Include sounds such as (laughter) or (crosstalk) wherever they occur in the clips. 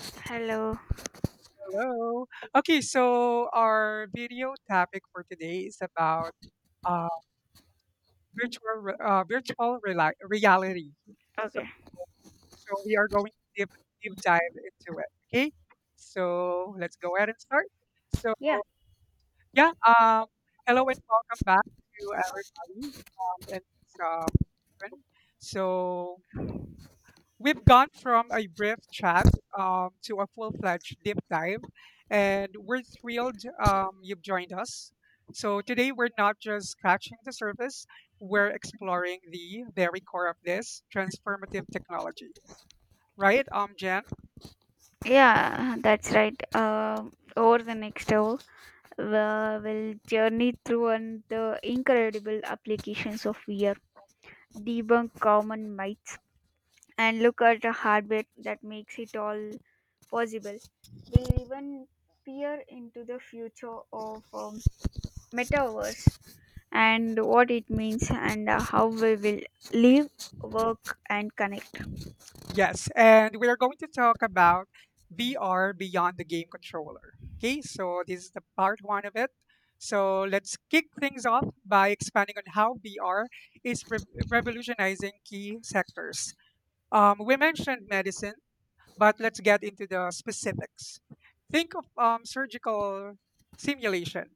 Hello. Hello. Okay, so our video topic for today is about uh, virtual reality. So, Okay. so we are going to deep dive into it. Okay, so let's go ahead and start. So Yeah. yeah, hello and welcome back to everybody. And um, friend. So We've gone from a brief chat, to a full fledged deep dive, and we're thrilled you've joined us. So today we're not just scratching the surface, we're exploring the very core of this transformative technology. Right, Jen? Yeah, that's right. Over the next hour, we will journey through on the incredible applications of VR, debunk common myths, and look at the hardware that makes it all possible. We'll even peer into the future of metaverse and what it means and how we will live, work, and connect. Yes, and we are going to talk about VR beyond the game controller. Okay, so this is the part one of it. So let's kick things off by expanding on how VR is revolutionizing key sectors. We mentioned medicine, but let's get into the specifics. Think of surgical simulation.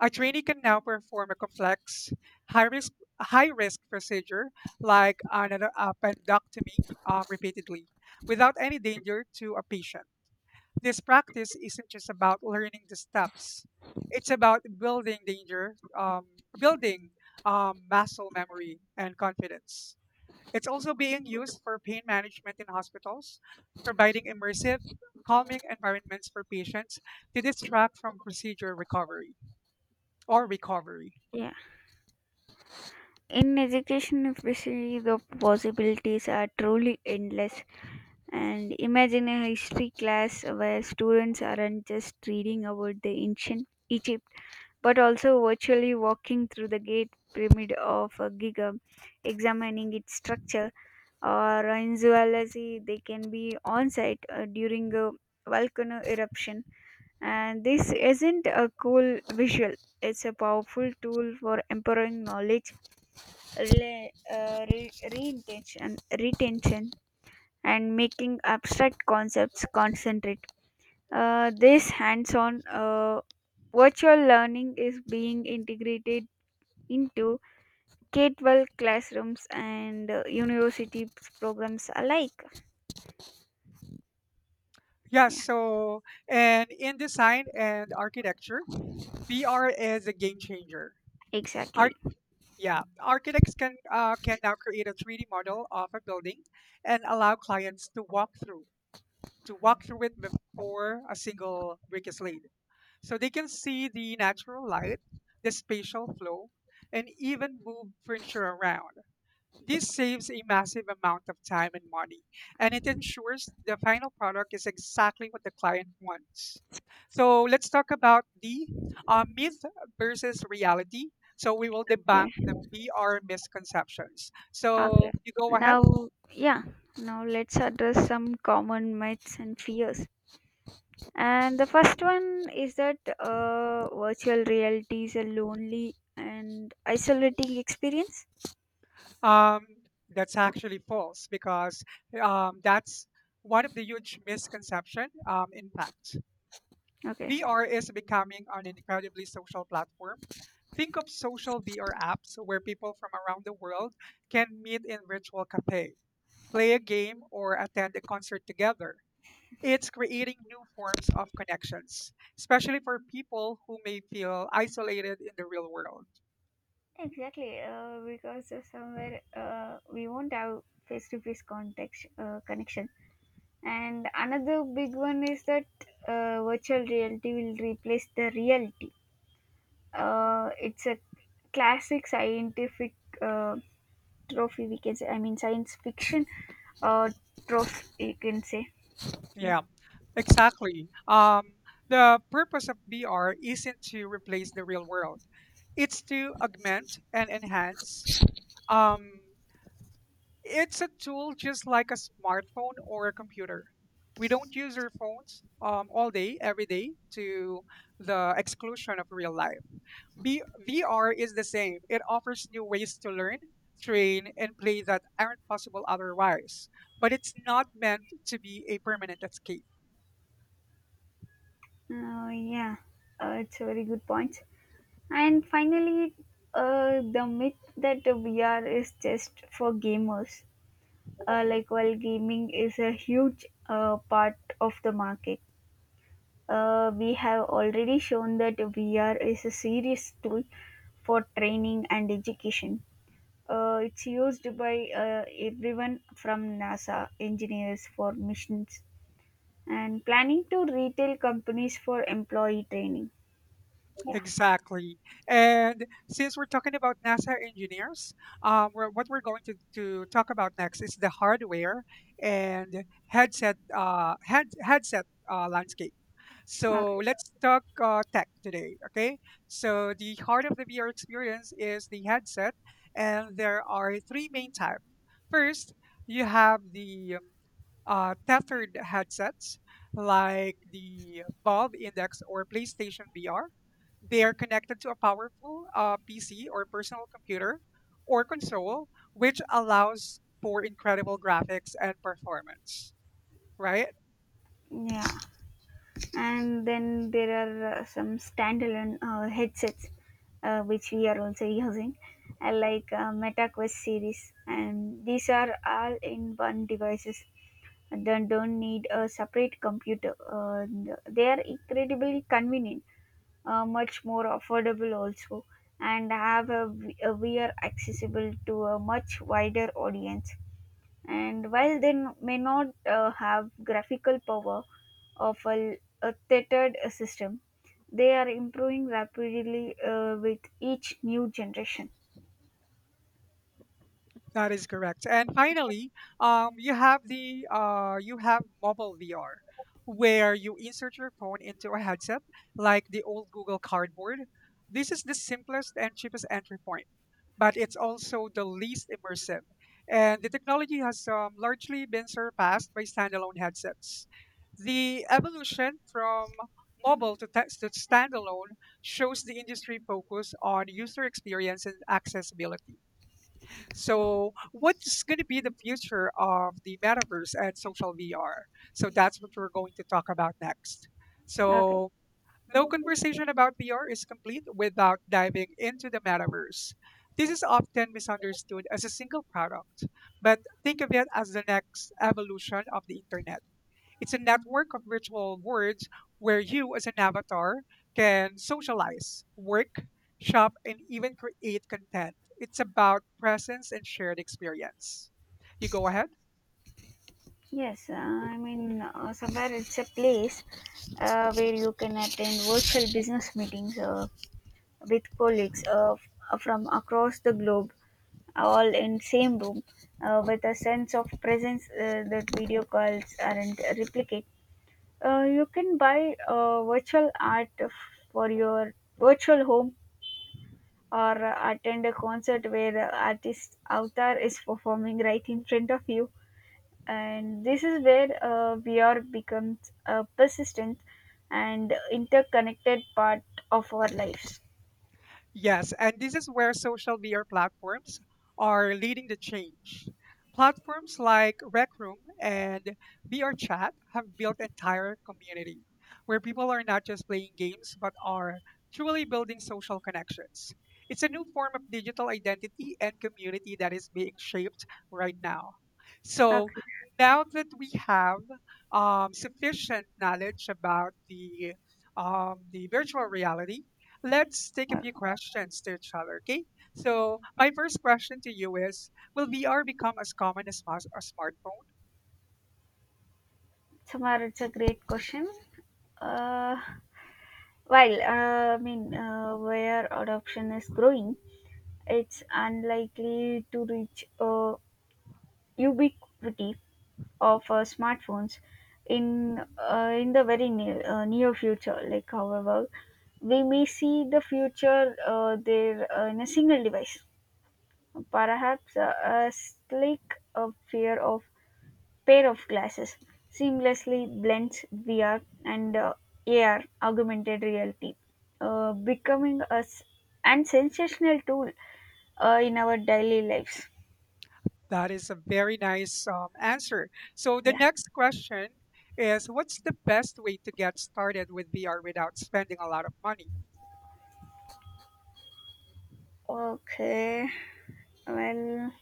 A trainee can now perform a complex, high-risk high-risk procedure like an appendectomy, repeatedly without any danger to a patient. This practice isn't just about learning the steps; it's about building muscle memory and confidence. It's also being used for pain management in hospitals, providing immersive, calming environments for patients to distract from procedure recovery or recovery. Yeah. In education, especially, the possibilities are truly endless. And imagine a history class where students aren't just reading about the ancient Egypt, but also virtually walking through the gate pyramid of a Giza, examining its structure. Or in zoology, they can be on site during a volcano eruption. And this isn't a cool visual; it's a powerful tool for empowering knowledge reintention, retention, and making abstract concepts concentrate. This hands-on virtual learning is being integrated into K-12 classrooms and university programs alike. Yeah, Yeah, so and in design and architecture, VR is a game changer. Arch- exactly. yeah, Architects can now create a 3D model of a building and allow clients to walk through it before a single brick is laid. So they can see the natural light, the spatial flow, and even move furniture around. This saves a massive amount of time and money, and it ensures the final product is exactly what the client wants. So let's talk about the myth versus reality. So we will debunk Okay. the PR misconceptions. Okay. So you go ahead. Now, yeah. Now let's address some common myths and fears. And the first one is that virtual reality is a lonely and isolating experience. Um, that's actually false because that's one of the huge misconception. In fact, Okay. VR is becoming an incredibly social platform. Think of social VR apps where people from around the world can meet in virtual cafe, play a game, or attend a concert together. It's creating new forms of connections, especially for people who may feel isolated in the real world. Exactly, because somewhere we won't have face-to-face contact connection. And another big one is that virtual reality will replace the reality. It's a classic scientific uh, trophy. We can say, I mean, science fiction uh, trophy. You can say. Yeah. Yeah. Exactly. The purpose of VR isn't to replace the real world. It's to augment and enhance. Um, it's a tool just like a smartphone or a computer. We don't use our phones all day, every day, to the exclusion of real life. B- VR is the same. It offers new ways to learn, train, and play that aren't possible otherwise. But it's not meant to be a permanent escape. Yeah, it's a very good point. And finally, the myth that VR is just for gamers. Like, while gaming is a huge part of the market, we have already shown that VR is a serious tool for training and education. It's used by everyone from NASA engineers for missions and planning to retail companies for employee training. Yeah, Exactly. And since we're talking about NASA engineers, what we're to talk about next is the hardware and headset landscape. So okay. let's talk tech today, okay? So the heart of the VR experience is the headset, and there are three main types. First, you have the tethered headsets like the Valve Index or PlayStation VR. They are connected to a powerful PC or personal computer or console, which allows for incredible graphics and performance, right? Yeah, and then there are some standalone headsets which we are also using, like MetaQuest series, and these are all in one devices. And They don't need a separate computer. They are incredibly convenient, much more affordable also, and have a VR accessible to a much wider audience, and while they may not have graphical power of a tethered system, they are improving rapidly with each new generation. That is correct. And finally, you have mobile VR, where you insert your phone into a headset, like the old Google Cardboard. This is the simplest and cheapest entry point, but it's also the least immersive. And the technology has largely been surpassed by standalone headsets. The evolution from mobile to standalone shows the industry focus on user experience and accessibility. So what's going to be the future of the metaverse and social VR? So that's what we're going to talk about next. Okay. So no conversation about VR is complete without diving into the metaverse. This is often misunderstood as a single product, but think of it as the next evolution of the internet. It's a network of virtual worlds where you, as an avatar, can socialize, work, shop, and even create content. It's about presence and shared experience. You go ahead. Yes, I mean, somewhere it's a place where you can attend virtual business meetings with colleagues from across the globe, all in same room, with a sense of presence that video calls aren't replicating. You can buy virtual art for your virtual home or attend a concert where the artist avatar is performing right in front of you. And this is where VR becomes a persistent and interconnected part of our lives. Yes, and this is where social media platforms are leading the change. Platforms like Rec Room and VR Chat have built entire community where people are not just playing games but are truly building social connections. It's a new form of digital identity and community that is being shaped right now. So Okay. now that we have sufficient knowledge about the virtual reality, let's take a few Okay. questions to each other, okay? So my first question to you is, will VR become as common as a smartphone? Samar, it's a great question. Uh, well, I mean, where adoption is growing, it's unlikely to reach ubiquity of smartphones in the very near future. Like, however we may see the future there, in a single device, perhaps a slick uh, pair of pair of glasses seamlessly blends VR and AR, augmented reality, becoming a s- and sensational tool in our daily lives. That is a very nice answer. So the Yeah. next question is, what's the best way to get started with VR without spending a lot of money? Okay. Well,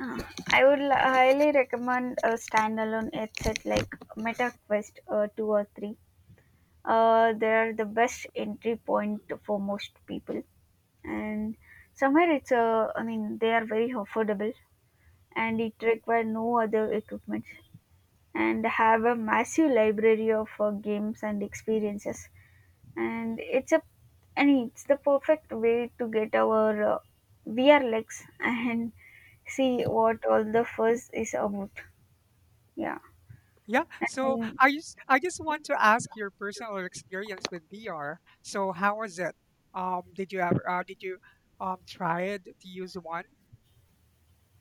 Uh, I highly recommend a standalone headset like MetaQuest 2 or 3. They are the best entry point for most people. And somewhere it's a, I mean, they are very affordable and it require no other equipment and have a massive library of games and experiences. And it's a, I mean, it's the perfect way to get our VR legs (laughs) and see what all the fuss is about. Yeah, Yeah, so and I just want to ask your personal experience with VR. So how was it? Did you try it to use one?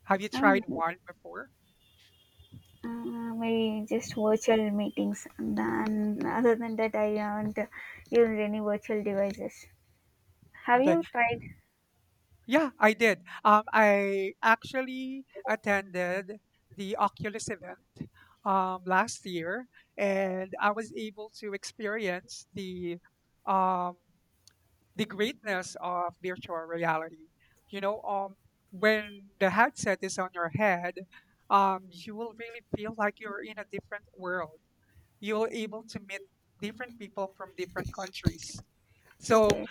Have you I tried do one before? Maybe just virtual meetings. And then, other than that, I haven't used any virtual devices. Have Okay. you tried? Yeah, I did. I actually attended the Oculus event last year, and I was able to experience um, the greatness of virtual reality. You know, when the headset is on your head, you will really feel like you're in a different world. You're able to meet different people from different countries. So Okay.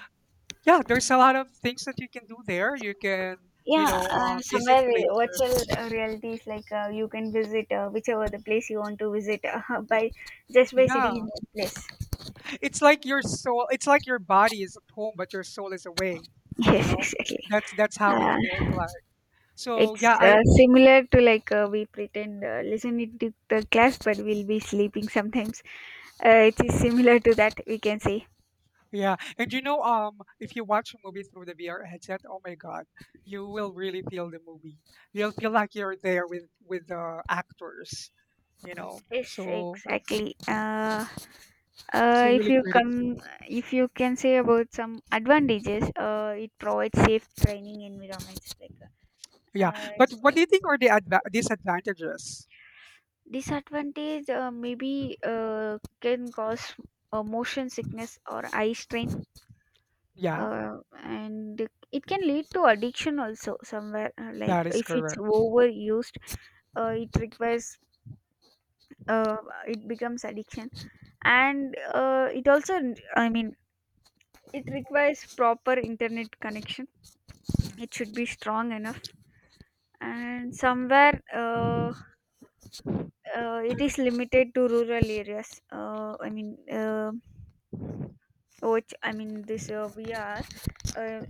yeah, there's a lot of things that you can do there. You Yeah, know, visit somewhere places. virtual reality is like, you can visit whichever the place you want to visit, (laughs) by just by Yeah, sitting in one place. (laughs) it's like your soul. It's like your body is at home, but your soul is away. You Yes, know, exactly. That's how it Uh, feels like. So yeah, It's I similar to, like, we pretend listening to the class, but we'll be sleeping sometimes. It is similar to that, we can say. yeah, and you know, if you watch a movie through the VR headset, oh my God, you will really feel the movie. You'll feel like you're there with the actors. You know, Yes, so exactly. It's uh, a if really you great. Come, if you can say about some advantages, it provides safe training environments. Like, Yeah, uh, but what do you think are the disadvantages? disadvantage, maybe can cause motion sickness or eye strain, Yeah. uh, and it can lead to addiction also somewhere, like That is if it's correct. overused. Uh, it requires uh, it becomes addiction, and it also, I mean, it requires proper internet connection, Mhm. it should be strong enough, and somewhere, it is limited to rural areas. I mean, which I mean this we are, uh,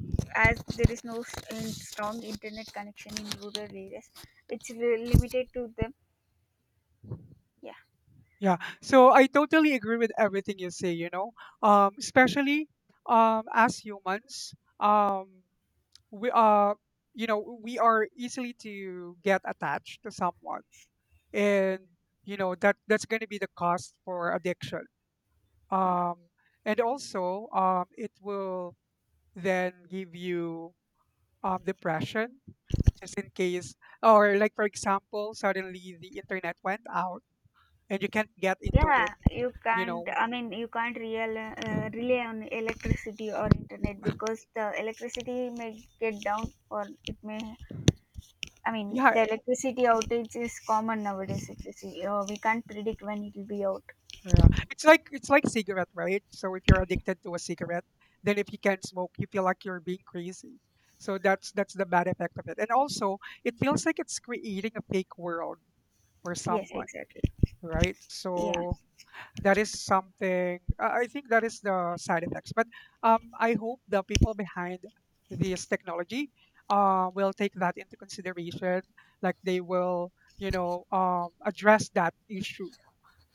as there is no strong internet connection in rural areas, it's limited to them. Yeah, Yeah. So I totally agree with everything you say, you know. Especially as humans, um we are, you know, we are easily to get attached to someone, and you know that's going to be the cost for addiction. yeah, Um and also, it will then give you depression just in case, or like for example suddenly the internet went out and you can't get into yeah. it, You you can't. know. I mean, you can't real rely on electricity or internet, (laughs) because the electricity may get down or it may. I mean, Yeah, the electricity outage is common nowadays. It's, we can't predict when it will be out. yeah. It's like cigarette, right? So if you're addicted to a cigarette, then if you can't smoke, you feel like you're being crazy. So that's the bad effect of it. And also, it feels like it's creating a fake world for Yes, someone, exactly. right? Yeah, So that is something I think that is the side effects. But I hope the people behind this technology will take that into consideration. Like they will, you know, address that issue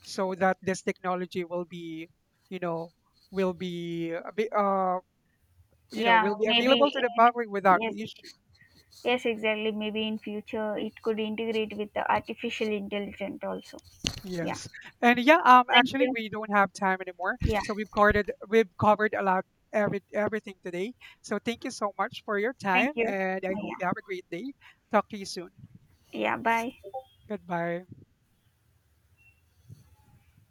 so that this technology will be, you know, will be, a bit, you know, yeah. will be available Maybe. to the public without Yes, issue. yes, exactly. Maybe in future it could integrate with the artificial intelligence also. Yeah. Yes. And yeah, Thank actually you. we don't have time anymore. Yeah. So we've covered a lot, everything today. So thank you so much for your Thank time you. and I Yeah. hope you have a great day. Talk to you soon. Yeah. Bye. Goodbye.